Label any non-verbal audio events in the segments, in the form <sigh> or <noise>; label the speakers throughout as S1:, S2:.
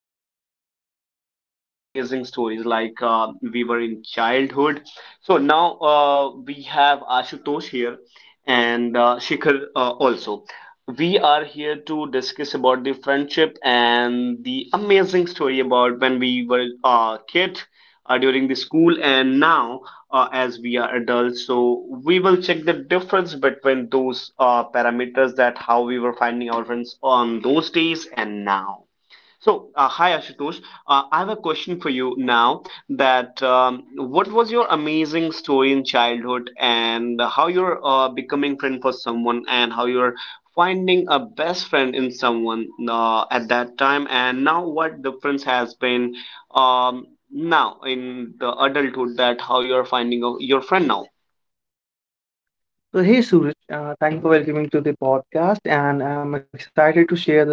S1: friendship and our amazing stories like we were in childhood. So now we have Ashutosh here and Shikhar also. We are here to discuss about the friendship and the amazing story about when we were a kid during the school and now as we are adults. So we will check the difference between those parameters that how we were finding our friends on those days and now. So, hi Ashutosh. I have a question for you now that what was your amazing story in childhood and how you're becoming friend for someone and how you're finding a best friend in someone at that time and now what difference has been um, now in the adulthood that how you're finding your friend now.
S2: So, hey Suraj, thank you for welcoming to the podcast, and I'm excited to share the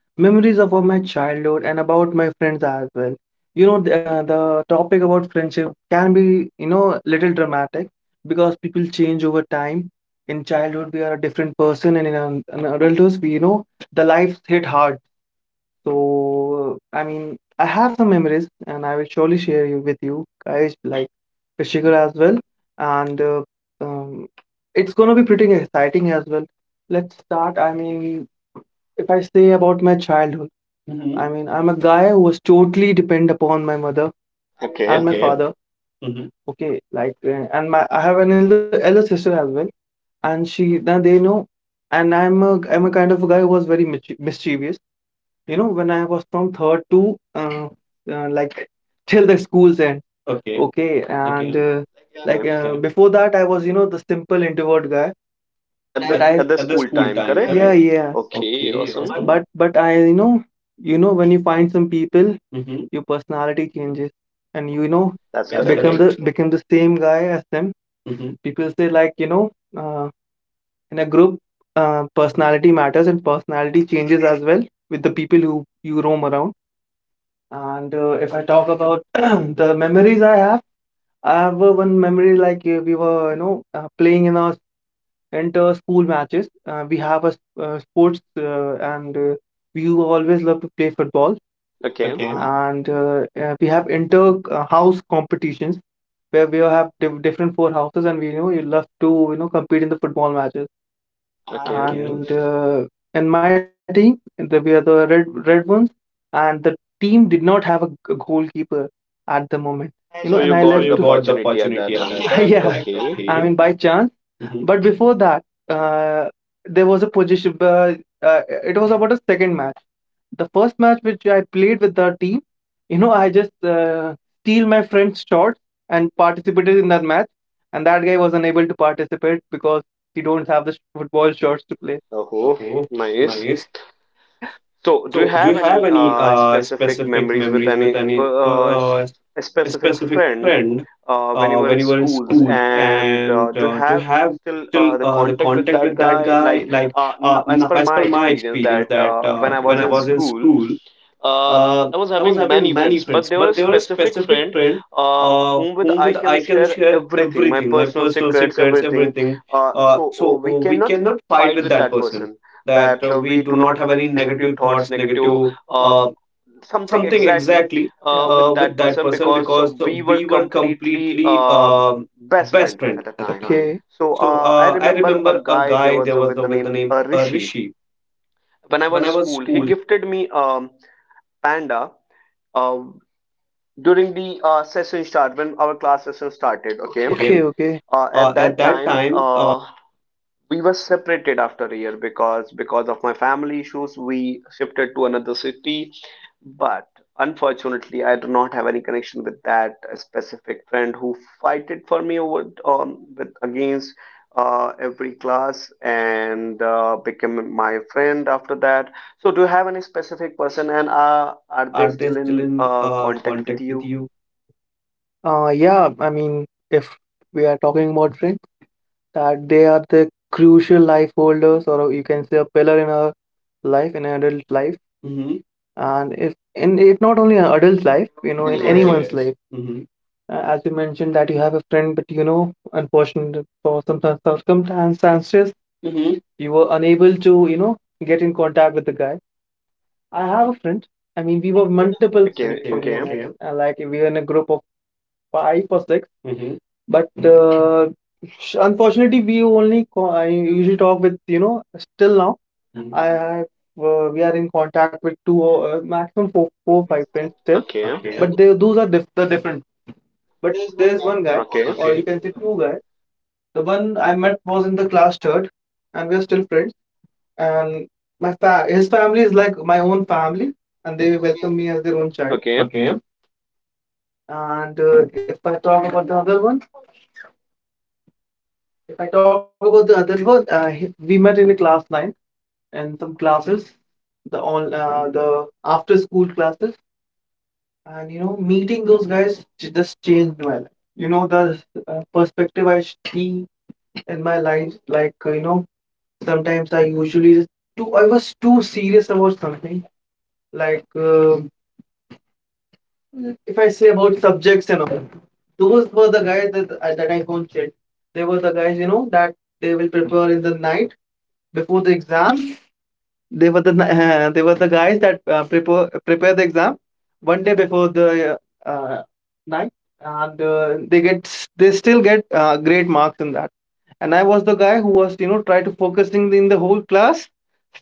S2: memories of my childhood and about my friends as well. You know, the topic about friendship can be, you know, little dramatic because people change over time. In childhood, we are a different person, and in adulthood, we, you know, the life hit hard. So, I mean, I have some memories and I will surely share you with you guys, like with as well. And um, it's gonna be pretty exciting as well. Let's start. I mean, if I say about my childhood, Mhm. I mean, I'm a guy who was totally depend upon my mother
S1: Okay.
S2: and my Okay. father. Mhm. Okay, like, and my I have an elder sister as well, and she now they know, and I'm a kind of a guy who was very mischievous, you know, when I was from third to like till the school's end. Okay. Okay, and Okay. Like
S1: Okay.
S2: Okay. before that, I was you know the simple introvert guy. But At the
S1: At the
S2: I at the
S1: school
S2: school
S1: time,
S2: time, yeah
S1: correct?
S2: correct? Yeah.
S1: Okay,
S2: Okay.
S1: awesome.
S2: Awesome. But I you know when you find some people, Mm-hmm. your personality changes, and you know
S1: That's
S2: That's become
S1: correct.
S2: the correct. Become the same guy as them. Mm-hmm. People say like you know uh, in a group, personality matters and personality changes <laughs> as well with the people who you roam around. And if I talk about <clears throat> the memories I have one memory like we were, you know, playing in our inter school matches. We have a sports, and we always love to play football.
S1: Okay.
S2: Okay. And we have inter house competitions where we have different four houses, and we you know you love to you know compete in the football matches.
S1: Okay.
S2: Okay. and in my team the, we are the red ones and the team did not have a, goalkeeper at the moment you know
S1: So you
S2: and
S1: left.
S2: I So left
S1: Got the
S2: you to got the
S1: opportunity at that
S2: opportunity at
S1: time, <laughs>
S2: that, <laughs>
S1: correct?
S2: yeah correct? I
S1: Okay.
S2: Okay. mean by chance. Mhm. But before that uh, there was a position uh, it was about a second match. The first match which I played with the team, you know, I just uh, steal my friend's shot and participated in that match, and that guy was unable to participate because we don't have the football shorts to play.
S1: Oh,
S2: Okay,
S1: nice.
S2: nice.
S1: So do you
S2: So, do you
S1: have
S2: have
S1: any
S2: any
S1: specific
S2: specific
S1: memories with
S2: memories with
S1: any
S2: any
S1: a
S2: a
S1: specific
S2: specific
S1: friend
S2: friend
S1: when you were
S2: when
S1: in
S2: you were in
S1: schools,
S2: school?
S1: and
S2: And
S1: do you
S2: do you
S1: have
S2: have
S1: still
S2: still
S1: the
S2: the
S1: contact with
S2: contact
S1: that
S2: with that
S1: guy? Like,
S2: guy? Like,
S1: now, as
S2: no,
S1: per
S2: as
S1: my
S2: per my
S1: experience,
S2: experience,
S1: that
S2: that
S1: when I
S2: when
S1: was
S2: I
S1: in
S2: was in
S1: school.
S2: school, uh,
S1: I was
S2: I was
S1: having many
S2: having many
S1: friends, but
S2: friends,
S1: there
S2: but
S1: was a
S2: there was a
S1: specific
S2: specific
S1: friend
S2: friend
S1: whom with
S2: whom
S1: I
S2: with
S1: can
S2: I can
S1: share
S2: share
S1: everything, my
S2: everything, my
S1: personal
S2: personal
S1: secrets,
S2: secrets,
S1: everything.
S2: everything.
S1: Uh, so uh, we
S2: We
S1: cannot
S2: cannot
S1: fight
S2: fight
S1: with
S2: with that
S1: that
S2: person.
S1: person.
S2: That
S1: That
S2: we
S1: we do
S2: do not
S1: not
S2: have
S1: have any
S2: any
S1: negative
S2: negative thoughts,
S1: thoughts, negative
S2: negative
S1: uh,
S2: something
S1: something
S2: exactly
S1: exactly
S2: Yeah.
S1: with
S2: With that
S1: that
S2: person
S1: person
S2: because
S1: because
S2: we
S1: we were
S2: were completely
S1: completely
S2: um
S1: best
S2: best
S1: friend
S2: friend
S1: at the
S2: at the
S1: time.
S2: time. Okay.
S1: So
S2: So
S1: I
S2: I
S1: remember
S2: remember
S1: a
S2: a
S1: guy there
S2: guy
S1: was
S2: there
S1: a,
S2: was
S1: with
S2: a,
S1: the
S2: with the
S1: name
S2: name
S1: Rishi.
S2: Rishi
S1: When I
S2: when
S1: was
S2: I was
S1: school, he
S2: school.
S1: gifted me panda. Uh, During the session start when our class session started,
S2: Started,
S1: okay? Okay,
S2: okay?
S1: okay.
S2: Okay, okay. Uh,
S1: At
S2: at
S1: that
S2: that
S1: time,
S2: time, uh,
S1: we were separated after a year because of my family issues we shifted to another city, but unfortunately I do not have any connection with that specific friend who fighted for me over with against every class and became my friend after that. So do you have any specific person and
S2: uh,
S1: are
S2: are
S1: they
S2: they
S1: still
S2: still
S1: in
S2: in
S1: contact with
S2: contact with
S1: you?
S2: you? Yeah, I mean, if we are talking about friends, that they are the crucial life holders, or you can say a pillar in our life, in an adult life. Mm-hmm. And if in it not only an adult life, you know, in
S1: Yes.
S2: anyone's Yes. life. Mm-hmm. As you mentioned that you have a friend, but you know, unfortunately for some circumstances, Mm-hmm. you were unable to, you know, get in contact with the guy. I have a friend. I mean, we were multiple friends
S1: Okay.
S2: Okay, to be Okay,
S1: Okay.
S2: honest. Okay. Like we were in a group of 5 or 6. Mhm. But unfortunately, we only I usually talk with you know still now. Mhm. I have we are in contact with two maximum 4-4-5 friends still.
S1: Okay.
S2: Okay. But they, those are the different. But there's one guy, okay.
S1: Okay.
S2: or okay. you can say two guys. The one I met was in the class third, and we're still friends and my his family is like my own family, and they welcome me as their own child.
S1: Okay.
S2: Okay. And if I talk about the other one, If I talk about the other one, we met in the class nine and some classes, the all the after school classes, and you know meeting those guys just changed my life. You know the perspective I see in my life, like you know sometimes I usually just too I was too serious about something like. If I say about subjects and all, those were the guys that I coached. They were the guys, you know, that they will prepare in the night before the exam. They were the <laughs> they were the guys that uh, prepare the exam 1 day before the uh, night, and they get they still get great marks in that. And I was the guy who was you know try to focusing in the whole class,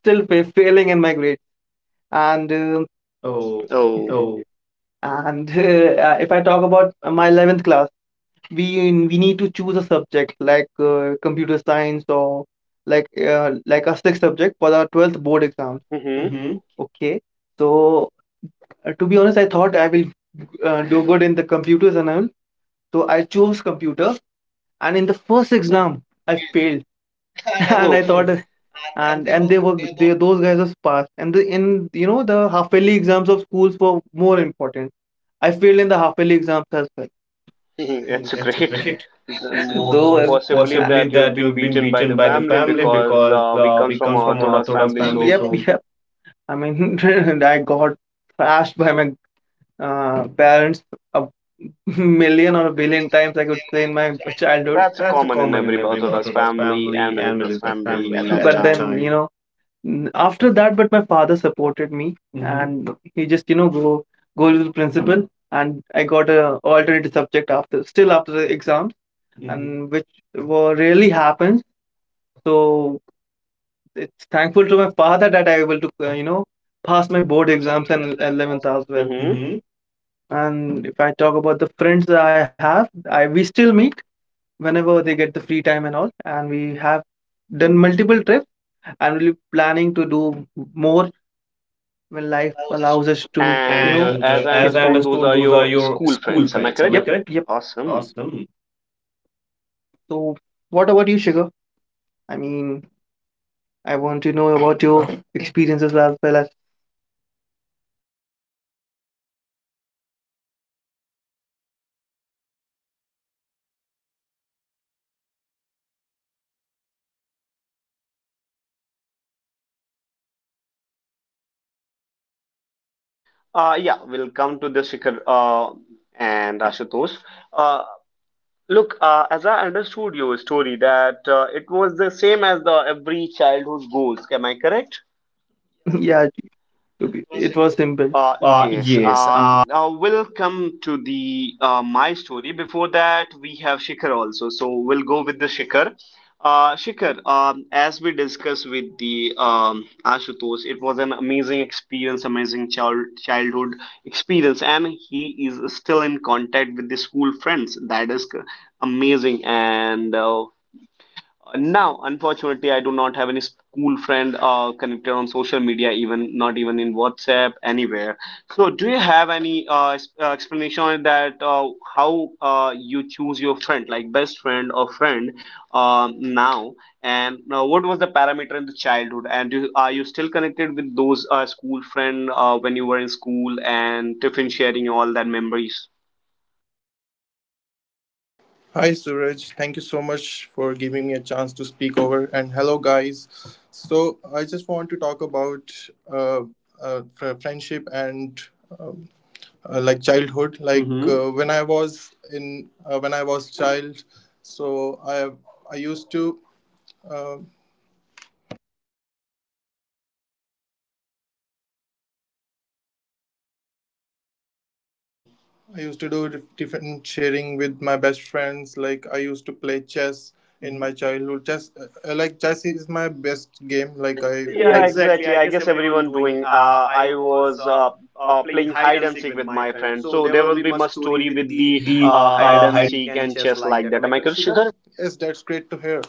S2: still failing in my grade. And
S1: Oh.
S2: Oh,
S1: Oh.
S2: oh, and <laughs> if I talk about my 11th class, we we need to choose a subject like computer science or like a sixth subject for our 12th board exam.
S1: Mm-hmm.
S2: Mm-hmm. Okay. So to be honest, I thought I will do good in the computers and all. So I chose computer, and in the first exam, I failed. <laughs>
S1: Oh.
S2: and I
S1: Mhm.
S2: thought, Hmm. and they were they those guys were passed, and the in you know the half yearly exams of schools were more important. I failed in the half yearly exams as well.
S1: It's
S2: Mm, That's
S1: great.
S2: great. <laughs>
S1: Most
S2: Though
S1: possibly
S2: possibly
S1: that you've
S2: that
S1: been
S2: you've been
S1: beaten by the
S2: beaten by the
S1: family
S2: family
S1: because
S2: because
S1: we comes
S2: we
S1: from an
S2: comes from a
S1: Orthodox
S2: Orthodox
S1: family,
S2: family,
S1: so
S2: Yep, so yep. I mean, <laughs> I got thrashed by my parents a million or a billion times, I could say, in my childhood. <laughs>
S1: that's a
S2: that's a
S1: common in
S2: common in
S1: every
S2: every
S1: Orthodox
S2: Orthodox
S1: family and
S2: family
S1: middle
S2: and
S1: class
S2: middle class
S1: family
S2: family
S1: at
S2: at
S1: that
S2: But that
S1: time.
S2: then, you time. Know, After that but my father supported me hmm and he just you know go with the principal and I got a alternative subject after still after the exams. Hmm. And which were rarely happens, so it's thankful to my father that I able to you know pass my board exams and 11th as well.
S1: Mm-hmm.
S2: Hmm. And if I talk about the friends that I have, I we still meet whenever they get the free time and all, and we have done multiple trips, and we're planning to do more when life allows us to.
S1: And
S2: And you know,
S1: as I
S2: as I
S1: understood, those
S2: understood,
S1: are
S2: those are
S1: your
S2: your
S1: school
S2: school
S1: friends. Am I
S2: friends. Am
S1: correct?
S2: yep, I Yep, correct? Yep.
S1: Awesome.
S2: Awesome. So, what about you, Shiga? I mean, I want to know about your experiences as well as
S1: Yeah, we'll come to the Shikhar and Ashutosh. Uh, Look, as I understood your story, that it was the same as the every childhood goals. Am I correct?
S2: <laughs> yeah, it was simple.
S1: Yes.
S2: Yes.
S1: We'll come to the my story. Before that, we have Shikhar also. So we'll go with the Shikhar. Shikhar, as we discussed with the Ashutosh, it was an amazing experience, amazing childhood experience, and he is still in contact with the school friends. That is amazing, and now, unfortunately, I do not have any school friend connected on social media, even not even in WhatsApp, anywhere. So, do you have any explanation on that? How you choose your friend, like best friend or friend, um now? And what was the parameter in the childhood? And are you still connected with those school friend when you were in school and tiffin sharing all that memories?
S3: Hi Suraj, thank you so much for giving me a chance to speak over. And hello guys. So I just want to talk about uh, friendship and um, like childhood. Like when I was in when I was child, so I I used to. uh, Fun. I used to do different sharing with my best friends. Like I used to play chess in my childhood. Chess, like chess is my best game. Like I Yeah, played.
S1: Yeah,
S3: Exactly.
S1: exactly.
S3: I
S1: I
S3: guess
S1: guess
S3: everyone
S1: everyone
S3: doing.
S1: doing.
S3: I
S1: I
S3: was
S1: was
S3: playing
S1: playing
S3: hide
S1: hide
S3: and
S1: and
S3: seek
S1: seek
S3: with
S1: with
S3: my
S1: my
S3: friend,
S1: friend,
S3: so
S1: so
S3: there
S1: there
S3: will
S1: will
S3: be
S1: be
S3: much
S1: much
S3: story
S1: story
S3: with
S1: with
S2: Story
S3: the
S2: with
S1: the
S2: the
S3: uh, hide
S1: hide
S3: and
S1: and
S3: seek
S1: seek
S3: and
S1: and
S3: chess
S1: chess
S3: like
S1: like
S3: that.
S1: that.
S3: Am I
S1: Am I
S3: correct,
S1: correct,
S3: Sridhar?
S1: Shikhar?
S3: Yes, that's great to hear.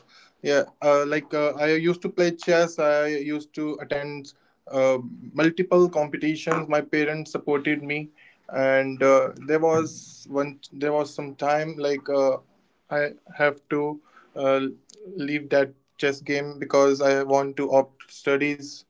S3: Yeah, I used to play chess. I used to attend uh, multiple competitions. My parents supported me, and there was one. There was some time I have to uh, leave that chess game because I want to opt studies.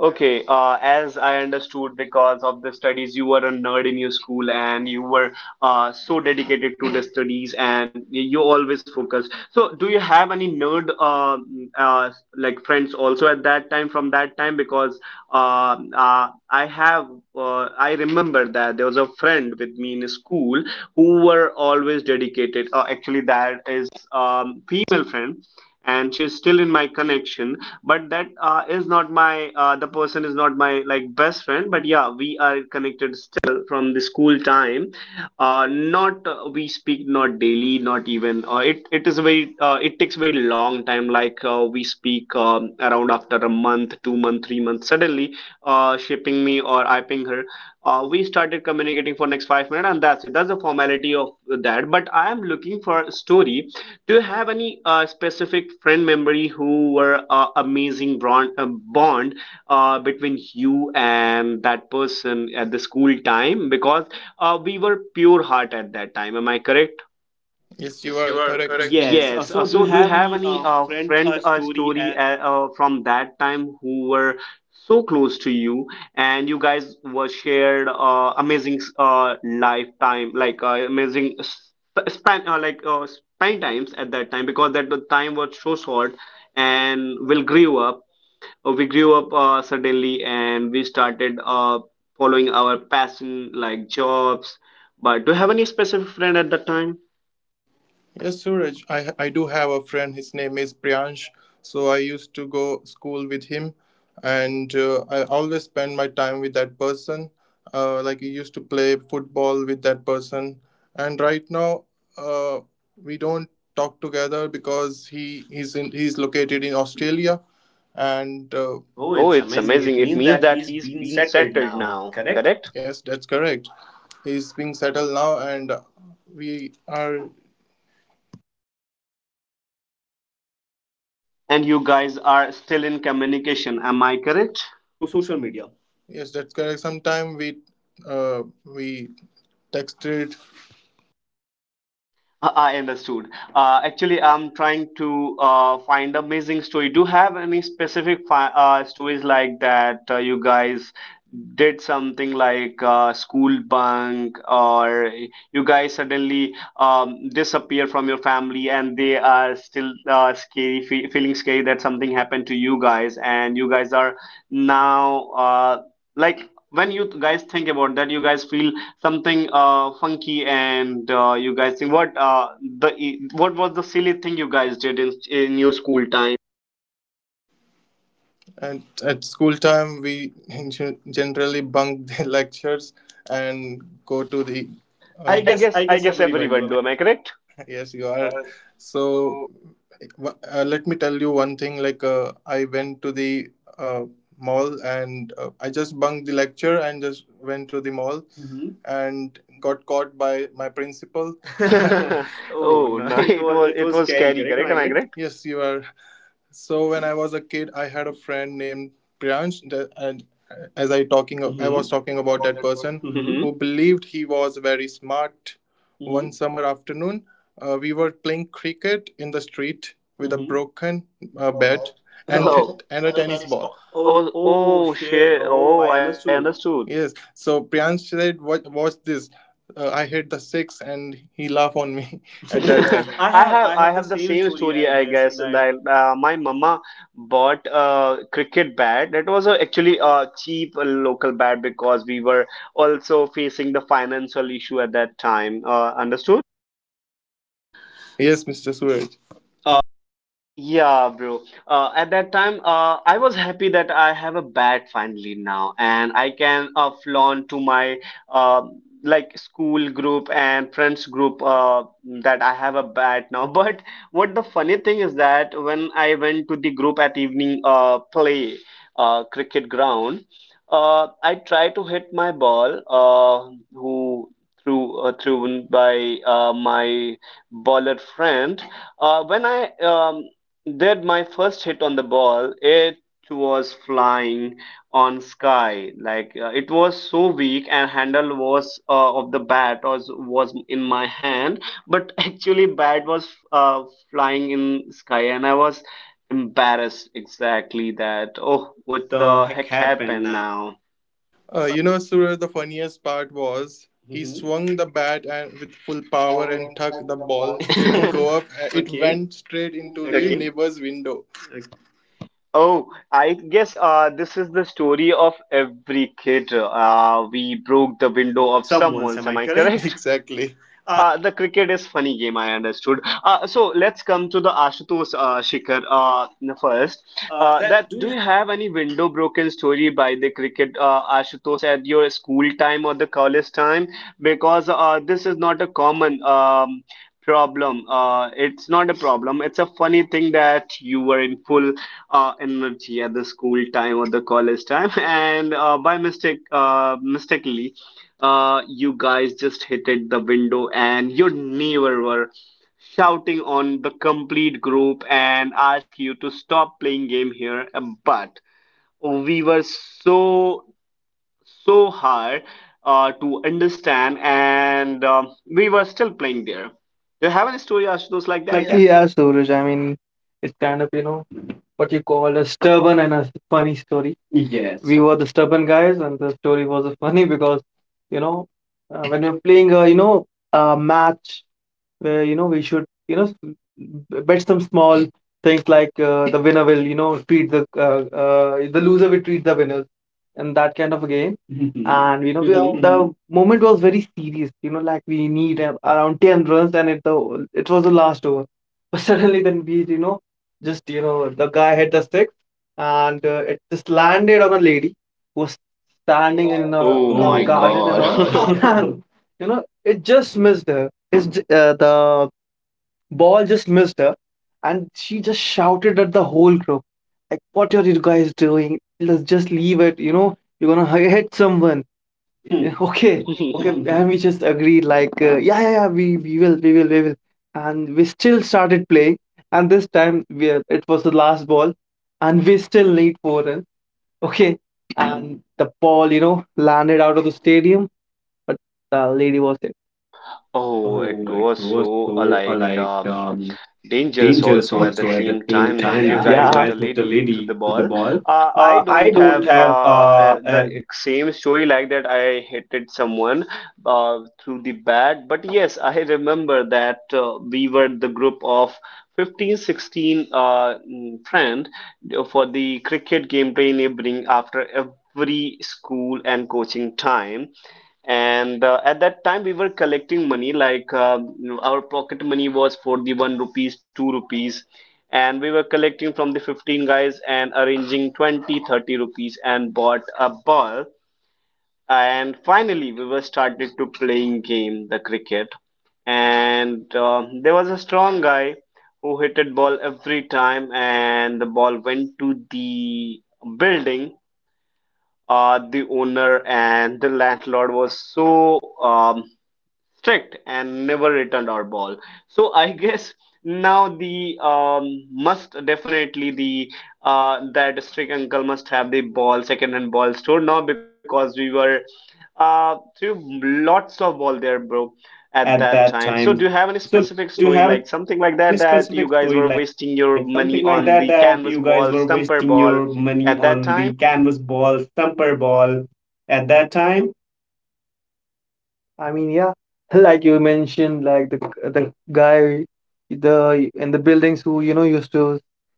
S1: Okay, as I understood, because of the studies, you were a nerd in your school and you were so dedicated to the studies and you always focused. So, do you have any nerd like friends also at that time from that time? Because I have, I remember that there was a friend with me in school who were always dedicated. Actually, that is female friend and she's still in my connection, but that is not my the person is not my like best friend, but yeah, we are connected still from the school time. Not We speak not daily, not even it is a very it takes very long time. Like we speak around after a month, 2 month, 3 months, suddenly she ping me or I ping her. We started communicating for next 5 minutes and that's it. That's the formality of that. But I am looking for a story. Do you have any specific friend memory who were amazing bond, between you and that person at the school time? Because we were pure heart at that time. Am I correct?
S3: Yes, you are correct. Yes.
S1: Yes.
S3: So, do you
S1: So, do you
S3: have
S1: have
S3: any
S1: any
S3: friend
S1: friend
S3: story
S1: story from that time who were so close to you, and you guys were shared amazing lifetime, like span times at that time, because that the time was so short, and we'll grew up. We grew up suddenly, and we started following our passion, like jobs. But do you have any specific friend at that time?
S3: Yes, Suraj. I do have a friend. His name is Priyansh. So I used to go school with him, and I always spend my time with that person. Like we used to play football with that person, and right now uh, we don't talk together because he's located in Australia, and Oh,
S1: Oh,
S3: it's
S1: it's
S3: amazing.
S1: amazing.
S3: It
S1: It
S3: means
S1: means
S3: that
S1: that
S3: he's
S1: he's
S3: been
S1: been
S3: settled
S1: settled
S3: now,
S1: now,
S3: correct?
S1: correct?
S3: Yes, that's correct. He's being settled now, and we are
S1: And you guys are still in communication, am I correct?
S3: through social media. Yes, that's correct. Sometime we texted,
S1: I understood. Actually, I'm trying to find amazing story. Do you have any specific fi stories like that you guys did something like school bunk, or you guys suddenly disappear from your family and they are still scary, fe feeling scary that something happened to you guys, and you guys are now like when you guys think about that, you guys feel something funky and you guys think what was the silly thing you guys did in your school time?
S3: and at school time we <laughs> generally bunk the <laughs> lectures and go to the. Uh, I Uh, guess I
S1: I
S3: guess
S1: guess
S3: everyone do.
S1: everyone
S3: I
S1: do. Am I correct?
S3: <laughs> yes you are so let me tell you one thing I went to the uh, mall and I just bunked the lecture and just went to the mall. Mhm. And got caught by my principal. <laughs> <laughs>
S1: <laughs>
S3: Oh
S1: Oh
S3: no,
S1: no,
S3: it was it
S1: it
S3: was
S1: was
S3: scary,
S1: scary,
S3: correct? Am
S1: correct?
S3: I
S1: Am I
S3: correct?
S1: correct?
S3: Yes, you are. So when I was a kid, I had a friend named Priyansh, and as I talking, I was Mhm. talking about that person. Mhm.
S1: Mm-hmm.
S3: Who believed he was very smart. Mhm. One summer afternoon, we were playing cricket in the street with a Mhm. broken bat and Oh.
S1: Oh
S3: and a tennis ball. Oh,
S1: oh,
S3: oh
S1: oh
S3: shit.
S1: shit!
S3: Oh,
S1: Oh,
S3: I
S1: I
S3: understood.
S1: understood.
S3: Yes. So Priyansh said, "What? Watch this." I hit the six, and he laughed on me <laughs> at that time. <laughs> I
S1: <laughs>
S3: have I
S1: I
S3: have the
S1: have the
S3: same
S1: same
S3: story
S1: story
S3: I
S1: I
S3: guess
S1: guess
S3: that
S1: that my mama bought a cricket bat. That was actually a cheap local bat because we were also facing the financial issue at that time. Understood?
S3: Yes, Mr. Suraj. Uh,
S1: Yeah, bro. At that time, I was happy that I have a bat finally now, and I can flaunt to my uh, like school group and friends group that I have a bat now. <laughs> But what the funny thing is that when I went to the group at evening play cricket ground, I tried to hit my ball, who threw thrown by my baller friend. When I did my first hit on the ball. It was flying on sky. Like it was so weak, and handle was of the bat was in my hand, but <laughs> actually bat was flying in sky, and I was embarrassed exactly that. Oh,
S3: what
S1: what
S3: the
S1: the
S3: heck
S1: heck
S3: happened
S1: happened
S3: now?
S1: now?
S3: You know, Suraj, the funniest part was he Mhm. swung the bat and with full power and tuck the ball <laughs> didn't go up. <laughs> It Okay. went straight into Okay.
S1: Okay.
S3: the neighbor's window.
S1: Oh, I guess this is the story of every kid. We broke the window
S3: Of
S1: of
S3: someone's,
S1: someone.
S3: am
S1: Am
S3: I
S1: I
S3: correct? <laughs>
S1: correct?
S3: Exactly.
S1: The cricket is funny game, I understood. So let's come to the Ashutosh Shikhar first.
S3: That
S1: That
S3: do
S1: do
S3: you
S1: you have any window broken story by the cricket Ashutosh at your school time or the college time? Because this is not a common. Problem, it's not a problem, it's a funny thing that you were in full energy at the school time or the college time <laughs> and by mistakenly you guys just hit it the window and your neighbor were shouting on the complete group and ask you to stop playing game here. But we were so so hard to understand, and we were still playing there. Do you have any story, Ashutosh,
S2: hydrogen
S1: like
S2: was
S1: that? Yeah,
S2: like that. Yeah, Suraj. I mean, it's kind of you know what you call a stubborn and a funny story. Yes. We were the stubborn guys, and the story was funny because, you know, when you're playing a you know a match where you know we should you know bet some small things like the winner will you know treat the loser will treat the winners and that kind of a game <laughs> and you know the
S1: Mhm.
S2: <laughs> Mhm. moment was very serious you know like we need around 10 runs and it was the last over. <laughs> But suddenly then we you know just you know the guy hit a six, and it just landed on a lady who was standing in a
S1: Oh
S2: Oh my
S1: my
S2: garden and
S1: God.
S2: all <laughs> god. And you know it just missed her the ball just missed her, and she just shouted at the whole group, like, "What are you guys doing? Let's just leave it. You know, you're gonna hit someone." Yeah, <laughs> Okay, okay,
S1: <laughs> <laughs>
S2: Mhm. and we just agreed, like, yeah, yeah, yeah, we will, and we still started playing. And this time, it was the last ball, and we still need four runs. Okay, and the ball, you know, landed out of the stadium, but the lady was there.
S1: Oh, it
S2: Oh, it
S1: was
S2: was
S1: so
S2: so like
S1: dangerous
S2: dangerous <laughs>
S1: also at the
S2: also at the
S1: same
S2: same
S1: time <laughs> that
S2: time
S1: you
S2: that you
S1: guys
S2: Yeah.
S1: hit a
S2: guys hit a
S1: lady to the
S2: lady to the
S1: ball.
S2: ball.
S1: I
S2: I
S1: don't have
S2: don't have
S1: uh, uh, the same story like that I hit someone through the bat, but yes, I remember that we were the group of 15, 16 friend for the cricket game play evening after free school and coaching time. And at that time we were collecting money, like our pocket money was for the 1 rupees 2 rupees, and we were collecting from the 15 guys and arranging 20, 30 rupees and bought a ball. And finally we were started to playing game the cricket. And there was a strong guy who hit it ball every time, and the ball went to the building. The owner and the landlord was so strict and never returned our ball. So I <laughs> guess now the must definitely the that strict uncle must have the ball second hand ball store now, because we were through lots of ball there, bro. At that time, so do you have any specific story like
S2: at
S1: something like
S2: that
S1: that
S2: time.
S1: that
S2: So do
S1: you
S2: you
S1: guys
S2: have any
S1: were wasting
S2: specific
S1: your
S2: story like
S1: money on
S2: something
S1: the
S2: like <laughs> that
S1: canvas
S2: that you
S1: ball,
S2: guys were
S1: stumper
S2: wasting
S1: ball
S2: your
S1: at
S2: money
S1: that
S2: on
S1: time?
S2: the canvas ball, stumper ball, I mean, yeah, <laughs> like you mentioned, like the guy, the in the buildings who you know used to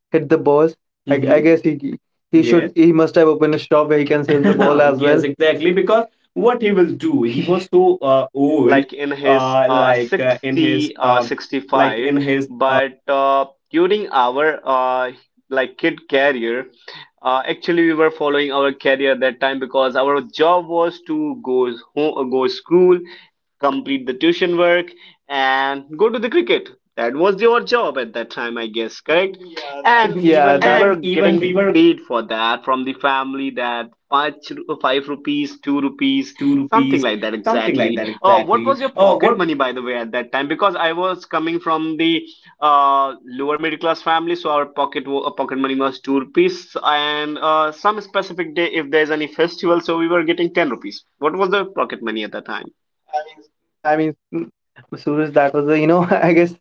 S2: hit the balls. I Mm-hmm. guess he Yes. should Yes. he must have opened a shop where he can sell the ball <laughs> as Yes, well. Exactly. Because what he will do, he was so old,
S1: Like in his
S2: like in his,
S1: 60 65, but during our like kid career. Actually, we were following our career that time because our job was to go home, go school, complete the tuition work and go to the cricket. That was your job at that time, I guess, correct?
S2: I guess,
S1: Yeah.
S2: <laughs> correct?
S1: And
S2: Yeah,
S1: even we
S2: that
S1: were
S2: And even
S1: getting
S2: we were
S1: paid for that from the family, that five rupees, two
S2: these
S1: rupees
S2: two
S1: something
S2: rupees,
S1: like that,
S2: something like
S1: exactly.
S2: that,
S1: Oh, what
S2: exactly.
S1: was your
S2: Oh,
S1: pocket
S2: what
S1: money, by the way, at that time? Because I was coming from the lower middle class family, so our pocket money was 2 rupees, and some specific day, if there's any festival, so we were getting 10 rupees. What was the pocket money at that time?
S2: time. I mean, Suraj, that was a, you know, <laughs> I guess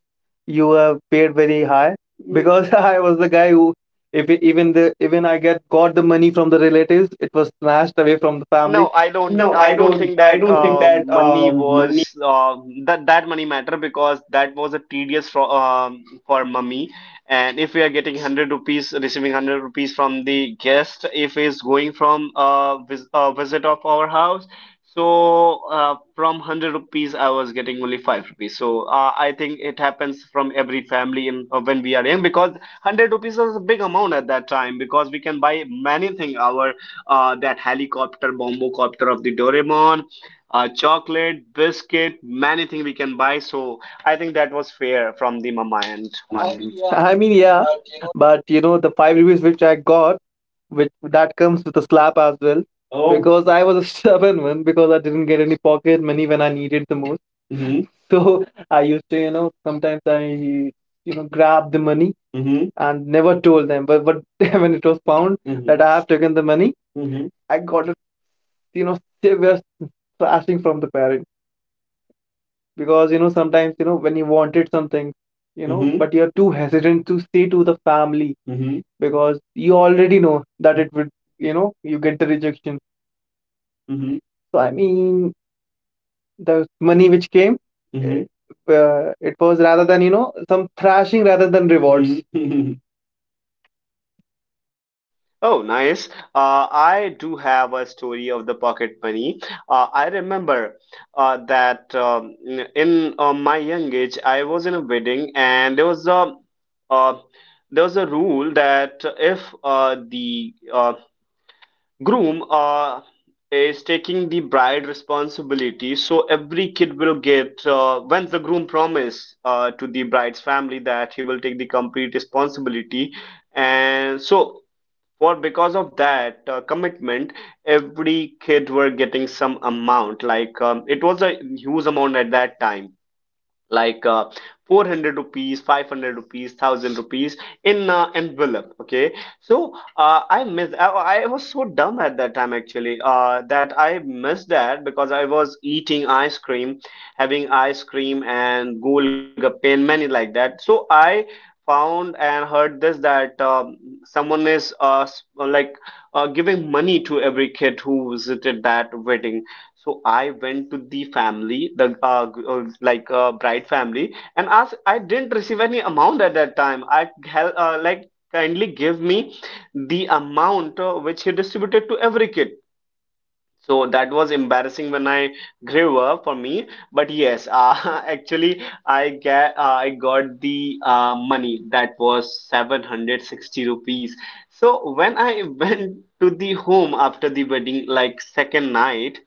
S2: you were paid very high because <laughs> I was the guy who, if e- even the even I get got the money from the relatives, it was snatched away from the family.
S1: No, I don't.
S2: No, I
S1: I don't
S2: don't.
S1: think
S2: I
S1: that
S2: don't think that
S1: money
S2: money.
S1: was that that money matter, because that was a tedious for mummy. And if we are getting 100 rupees, receiving 100 rupees from the guest, if he's going from a visit of our house, so from 100 rupees, I was getting only 5 rupees. So I think it happens from every family in when we are young, because 100 rupees is a big amount at that time, because we can buy many things. Our that helicopter, bombocopter of the Doraemon, chocolate, biscuit, many things we can buy. So I think that was fair from the mama end.
S2: Minimum I mean, yeah, but you know, the 5 rupees which I got, which that comes with a slap as well. Oh. Because I was a stubborn one because I didn't get any pocket money when I needed the most. Hmm. So I used to, you know, sometimes I, you know, grab the money hmm and never told them. But <laughs> when it was found mm-hmm. that I have taken the money, hmm I got it, you know, they were slashing from the parents because you know sometimes you know when you wanted something you know Mm-hmm. but you're too hesitant to say to the family Mm-hmm. because you already know that it would you know you get the rejection Mm-hmm. so I mean the money which came Mm-hmm. It was rather than you know some thrashing rather than rewards. Mm-hmm.
S1: Oh, nice. I do have a story of the pocket money. I remember that in my young age, I was in a wedding, and uh, there was a rule that if the groom is taking the bride responsibility, so every kid will get when the groom promise to the bride's family that he will take the complete responsibility. And so for because of that commitment, every kid were getting some amount, like it was a huge amount at that time, like 400 rupees, 500 rupees, 1000 rupees in envelope, okay? So I was so dumb at that time, actually, that I missed that because I was eating ice cream, having ice cream and golgappe and many like that. So I found and heard this that someone is giving money to every kid who visited that wedding. So I went to the family, the bride family, and asked. I didn't receive any amount at that time. I like kindly give me the amount which he distributed to every kid. So that was embarrassing when I grew up for me. But yes, <laughs> actually, I got the money that was 760 rupees. So when I <laughs> went to the home after the wedding, like second night,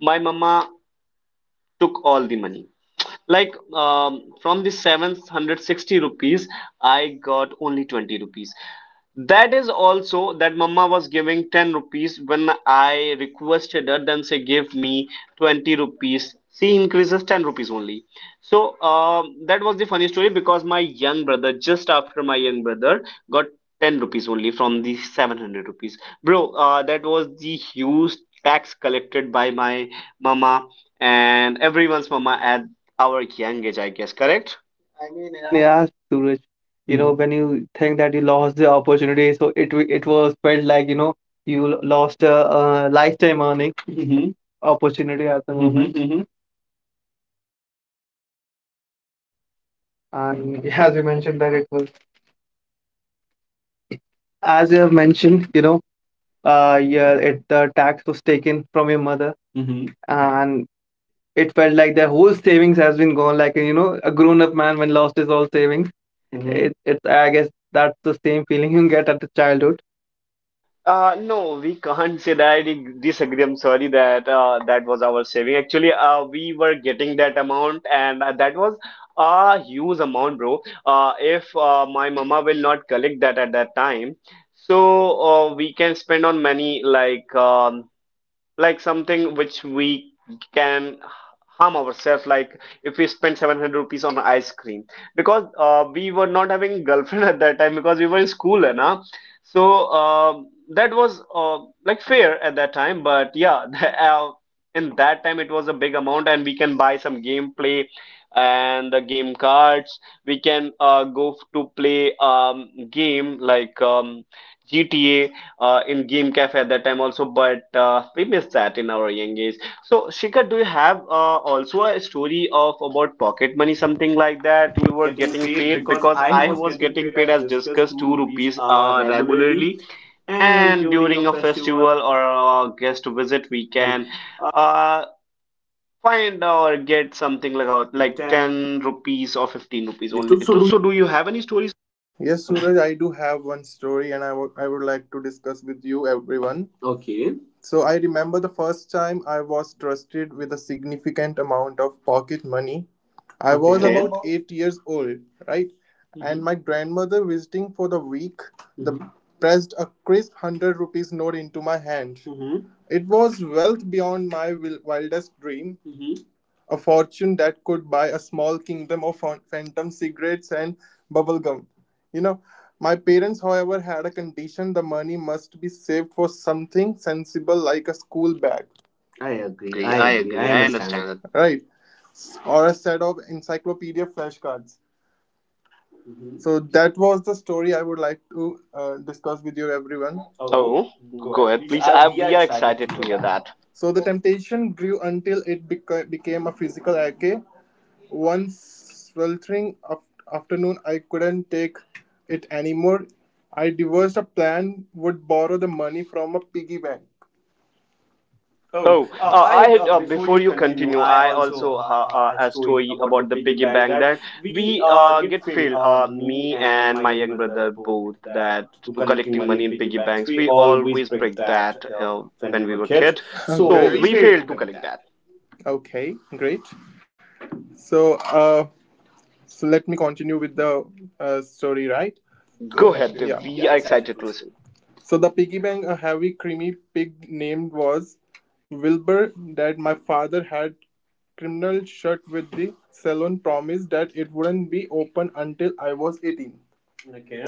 S1: my mama took all the money. Like from the 760 rupees, I got only 20 rupees. That is also that mama was giving 10 rupees. When I requested her, then say give me 20 rupees. She increases 10 rupees only. So that was the funny story, because my young brother, just after my young brother, got 10 rupees only from the 700 rupees. Bro, that was the huge tax collected by my mama and everyone's mama at our young age, I guess, correct?
S2: <laughs> I mean, yeah, Suraj, you know, Mm-hmm. when you think that you lost the opportunity, so it it was felt like, you know, you lost a, lifetime earning Mm-hmm. opportunity at the moment. And <laughs> as you mentioned that it was, as you have mentioned, you know, yeah, it the tax was taken from your mother, hmm and it felt like the whole savings has been gone. Like you know, a grown-up man when lost his all savings. Hmm. It's I guess that's the same feeling you get at the childhood.
S1: No, we can't say that. I disagree. I'm sorry that that was our saving. Actually, we were getting that amount, and that was a huge amount, bro. If my mama will not collect that at that time, so we can spend on many, like something which we can harm ourselves, like if we spend 700 rupees on ice cream, because we were not having <laughs> girlfriend at that time because we were in school. And so uh, that was like fair at that time, but yeah, <laughs> in that time it was a big amount, and we can buy some gameplay and the game cards. We can to play game, like GTA in game cafe at that time also, but we missed that in our young age. So Shikhar, do you have also a story of about pocket money, something like that
S3: have
S1: you were
S3: about
S1: getting
S3: getting
S1: paid?
S3: paid? Because
S1: Because I
S3: I
S1: was
S3: was
S1: getting
S3: getting
S1: paid,
S3: paid
S1: as
S3: as
S1: discussed,
S3: discussed
S1: 2
S3: two
S1: rupees
S3: rupees
S1: regularly,
S3: regularly,
S1: and
S3: and
S1: during
S3: during
S1: a
S3: a festival,
S1: festival or a guest visit, we
S3: you can
S1: can uh, find or get something like out,
S3: like
S1: like
S3: ten
S1: 10 rupees or 15
S3: is
S1: rupees
S3: only
S1: only
S3: two.
S1: too.
S3: So
S1: So
S3: do
S1: do you have any stories?
S3: Yes, Suraj, I do have one story and I would like to discuss with you, everyone. Okay. So, I remember the first time I was trusted with a significant amount of pocket money. I was Okay.
S1: Okay,
S3: about 8 years old, right? And hmm my grandmother, visiting for the week, the hmm pressed a crisp 100 rupees note into my hand. Hmm. It was wealth beyond my wildest dream, hmm a fortune that could buy a small kingdom of phantom cigarettes and bubblegum. You know, my parents, however, had a condition the money must be saved for something sensible like a school bag, I
S1: I
S3: agree.
S1: agree,
S3: I
S1: I
S3: agree.
S1: agree,
S3: I
S1: I
S3: understand it.
S1: understand that.
S3: Right? Or a set of encyclopedia flashcards. Mhm. So that was the story I would like to discuss with you, everyone. Oh,
S1: Oh,
S3: go
S1: go
S3: ahead,
S1: ahead,
S3: please.
S1: please. I,
S3: We are
S1: we are
S3: excited to
S1: excited to
S3: hear
S1: hear
S3: that.
S1: that.
S3: So the temptation grew until it became a physical ache. One sweltering afternoon, I couldn't take it anymore. I devised a plan, would borrow the money from a piggy bank. Oh,
S1: Oh,
S3: I
S1: I
S3: had,
S1: had,
S3: before
S1: before
S3: you
S1: you
S3: continue,
S1: continue,
S3: I
S1: I
S3: also
S1: also
S3: a
S1: a
S3: story
S1: story
S3: about the
S1: about the
S3: piggy
S1: piggy
S3: bank
S1: bank
S3: that
S1: that
S3: we
S1: we
S3: get
S1: get
S3: failed.
S1: failed.
S3: Me
S1: Me
S3: and
S1: and
S3: my
S1: my
S3: young
S1: young
S3: brother
S1: brother
S3: both
S1: both
S3: that
S1: that
S3: to
S1: to
S3: collecting
S1: collecting
S3: money
S1: money
S3: in
S1: in
S3: piggy
S1: piggy
S3: banks.
S1: banks.
S3: We
S1: We
S3: always
S1: always
S3: break
S1: break
S3: that
S1: that
S3: when we
S1: when we
S3: were
S1: were
S3: kids,
S1: kid,
S3: <laughs> so we
S1: so
S3: Great.
S1: we
S3: Failed to
S1: failed to
S3: collect
S1: collect
S3: that.
S1: that.
S3: Okay, great. So, so let me continue with the story, right? Go
S1: Go
S3: ahead,
S1: ahead,
S3: dude. Yeah. We
S1: we
S3: are
S1: are
S3: excited to
S1: excited to
S3: listen.
S1: listen.
S3: So the piggy bank, a heavy, creamy pig named was Wilbur that my father had criminal shut with the salon promise that it wouldn't be open until I was 18. Okay.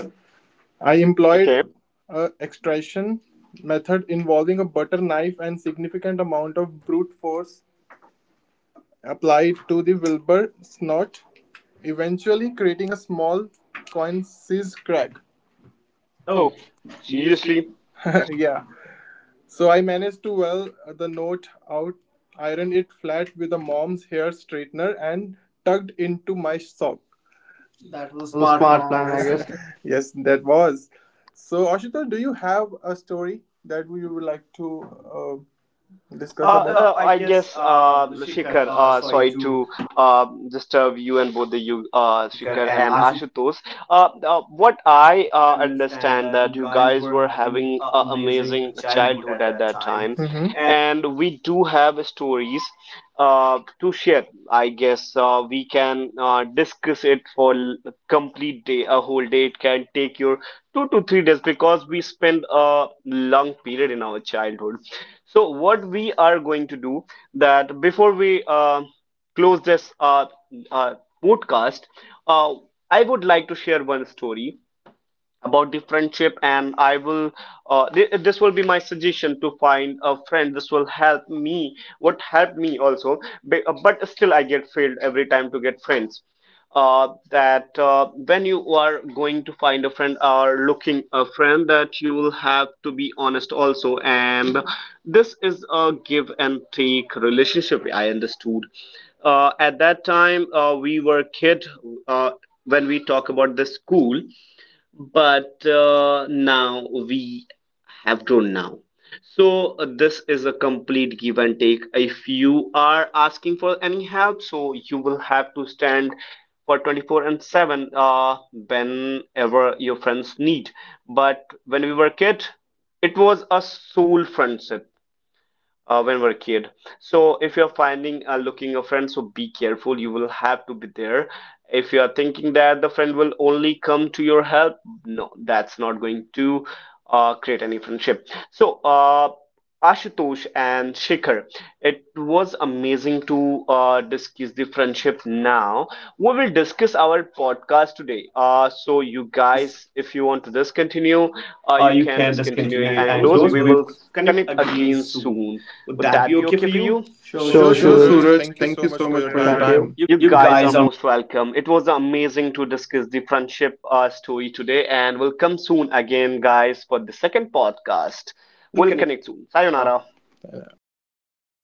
S3: I employed
S1: Okay.
S3: okay. a extraction method involving a butter knife and significant amount of brute force applied to the Wilbur snot, eventually creating a small coin-sized crack. Oh,
S1: Oh,
S3: seriously?
S1: seriously?
S3: <laughs> Yeah. So I managed to well the note out, ironed it flat with a mom's hair straightener, and tugged into my sock. That was
S2: That
S3: a
S2: was a
S3: smart
S2: smart
S3: plan, I
S2: plan, I
S3: guess.
S2: guess.
S3: <laughs> Yes, that was. So Ashutosh, do you have a story that we would like to discuss about? I
S1: I
S3: guess
S1: guess,
S3: Shikhar,
S1: Shikhar,
S3: sorry
S1: sorry
S3: to
S1: to disturb you and both the you, Shikhar
S3: Shikhar and
S1: and
S3: Ashutosh.
S1: Ashutosh. What I
S3: Understand
S1: understand
S3: that
S1: that
S3: you
S1: you
S3: guys
S1: guys were
S3: were having
S1: having an
S3: an
S1: amazing
S3: amazing childhood
S1: childhood
S3: at
S1: at that
S3: that time.
S1: time,
S3: Mhm. And
S1: and we do have stories to share. I guess we can discuss it for complete day, a whole day. It can take your 2 to 3 days, because we spend a long period in our childhood. So what we are going to do, that before we close this uh, podcast, uh, I would like to share one story about the friendship, and I will this will be my suggestion to find a friend. This will help me, what helped me also. But still I get failed every time to get friends. That when you are going to find a friend or looking a friend, that you will have to be honest also, and this is a give and take relationship, I understood. At that time, we were kid, uh, when we talk about the school. But now we have grown now. So this is a complete give and take. If you are asking for any help, so you will have to stand for 24/7 whenever your friends need. But when we were kid, it was a soul friendship when we're a kid. So if you're finding looking a friend, so be careful, you will have to be there. If you are thinking that the friend will only come to your help, no, that's not going to create any friendship. So Ashutosh and Shikhar, it was amazing to discuss the friendship now. We will discuss our podcast today. So, you guys,
S3: guys,
S1: if you want to discontinue,
S2: Continue,
S1: you
S2: or you
S1: can
S2: can
S1: discontinue it
S2: discontinue it
S1: and
S3: and
S2: and
S1: close.
S3: close,
S2: close.
S1: We
S3: we
S2: We
S1: will
S3: will connect
S1: connect again
S3: again
S1: soon.
S3: soon.
S1: Would
S3: Would
S1: that
S3: that
S1: be
S3: be
S1: okay
S3: okay
S1: for
S3: for
S1: you?
S3: you? Sure, sure,
S2: Sure,
S3: sure.
S2: Sure, sure.
S3: Suraj.
S2: Suraj.
S3: Thank you
S2: Thank you
S3: so
S2: so
S3: much
S2: much
S3: for your
S2: for
S3: Thank
S2: your Thank you.
S3: time.
S2: Time.
S3: You.
S1: You
S2: You
S1: guys are
S2: guys
S1: most welcome. It was amazing to discuss the friendship story today, and we'll come soon again, guys, for the second podcast. We'll
S3: We'll connect.
S1: connect soon. Sayonara.
S3: Sayonara. Yeah, perfect.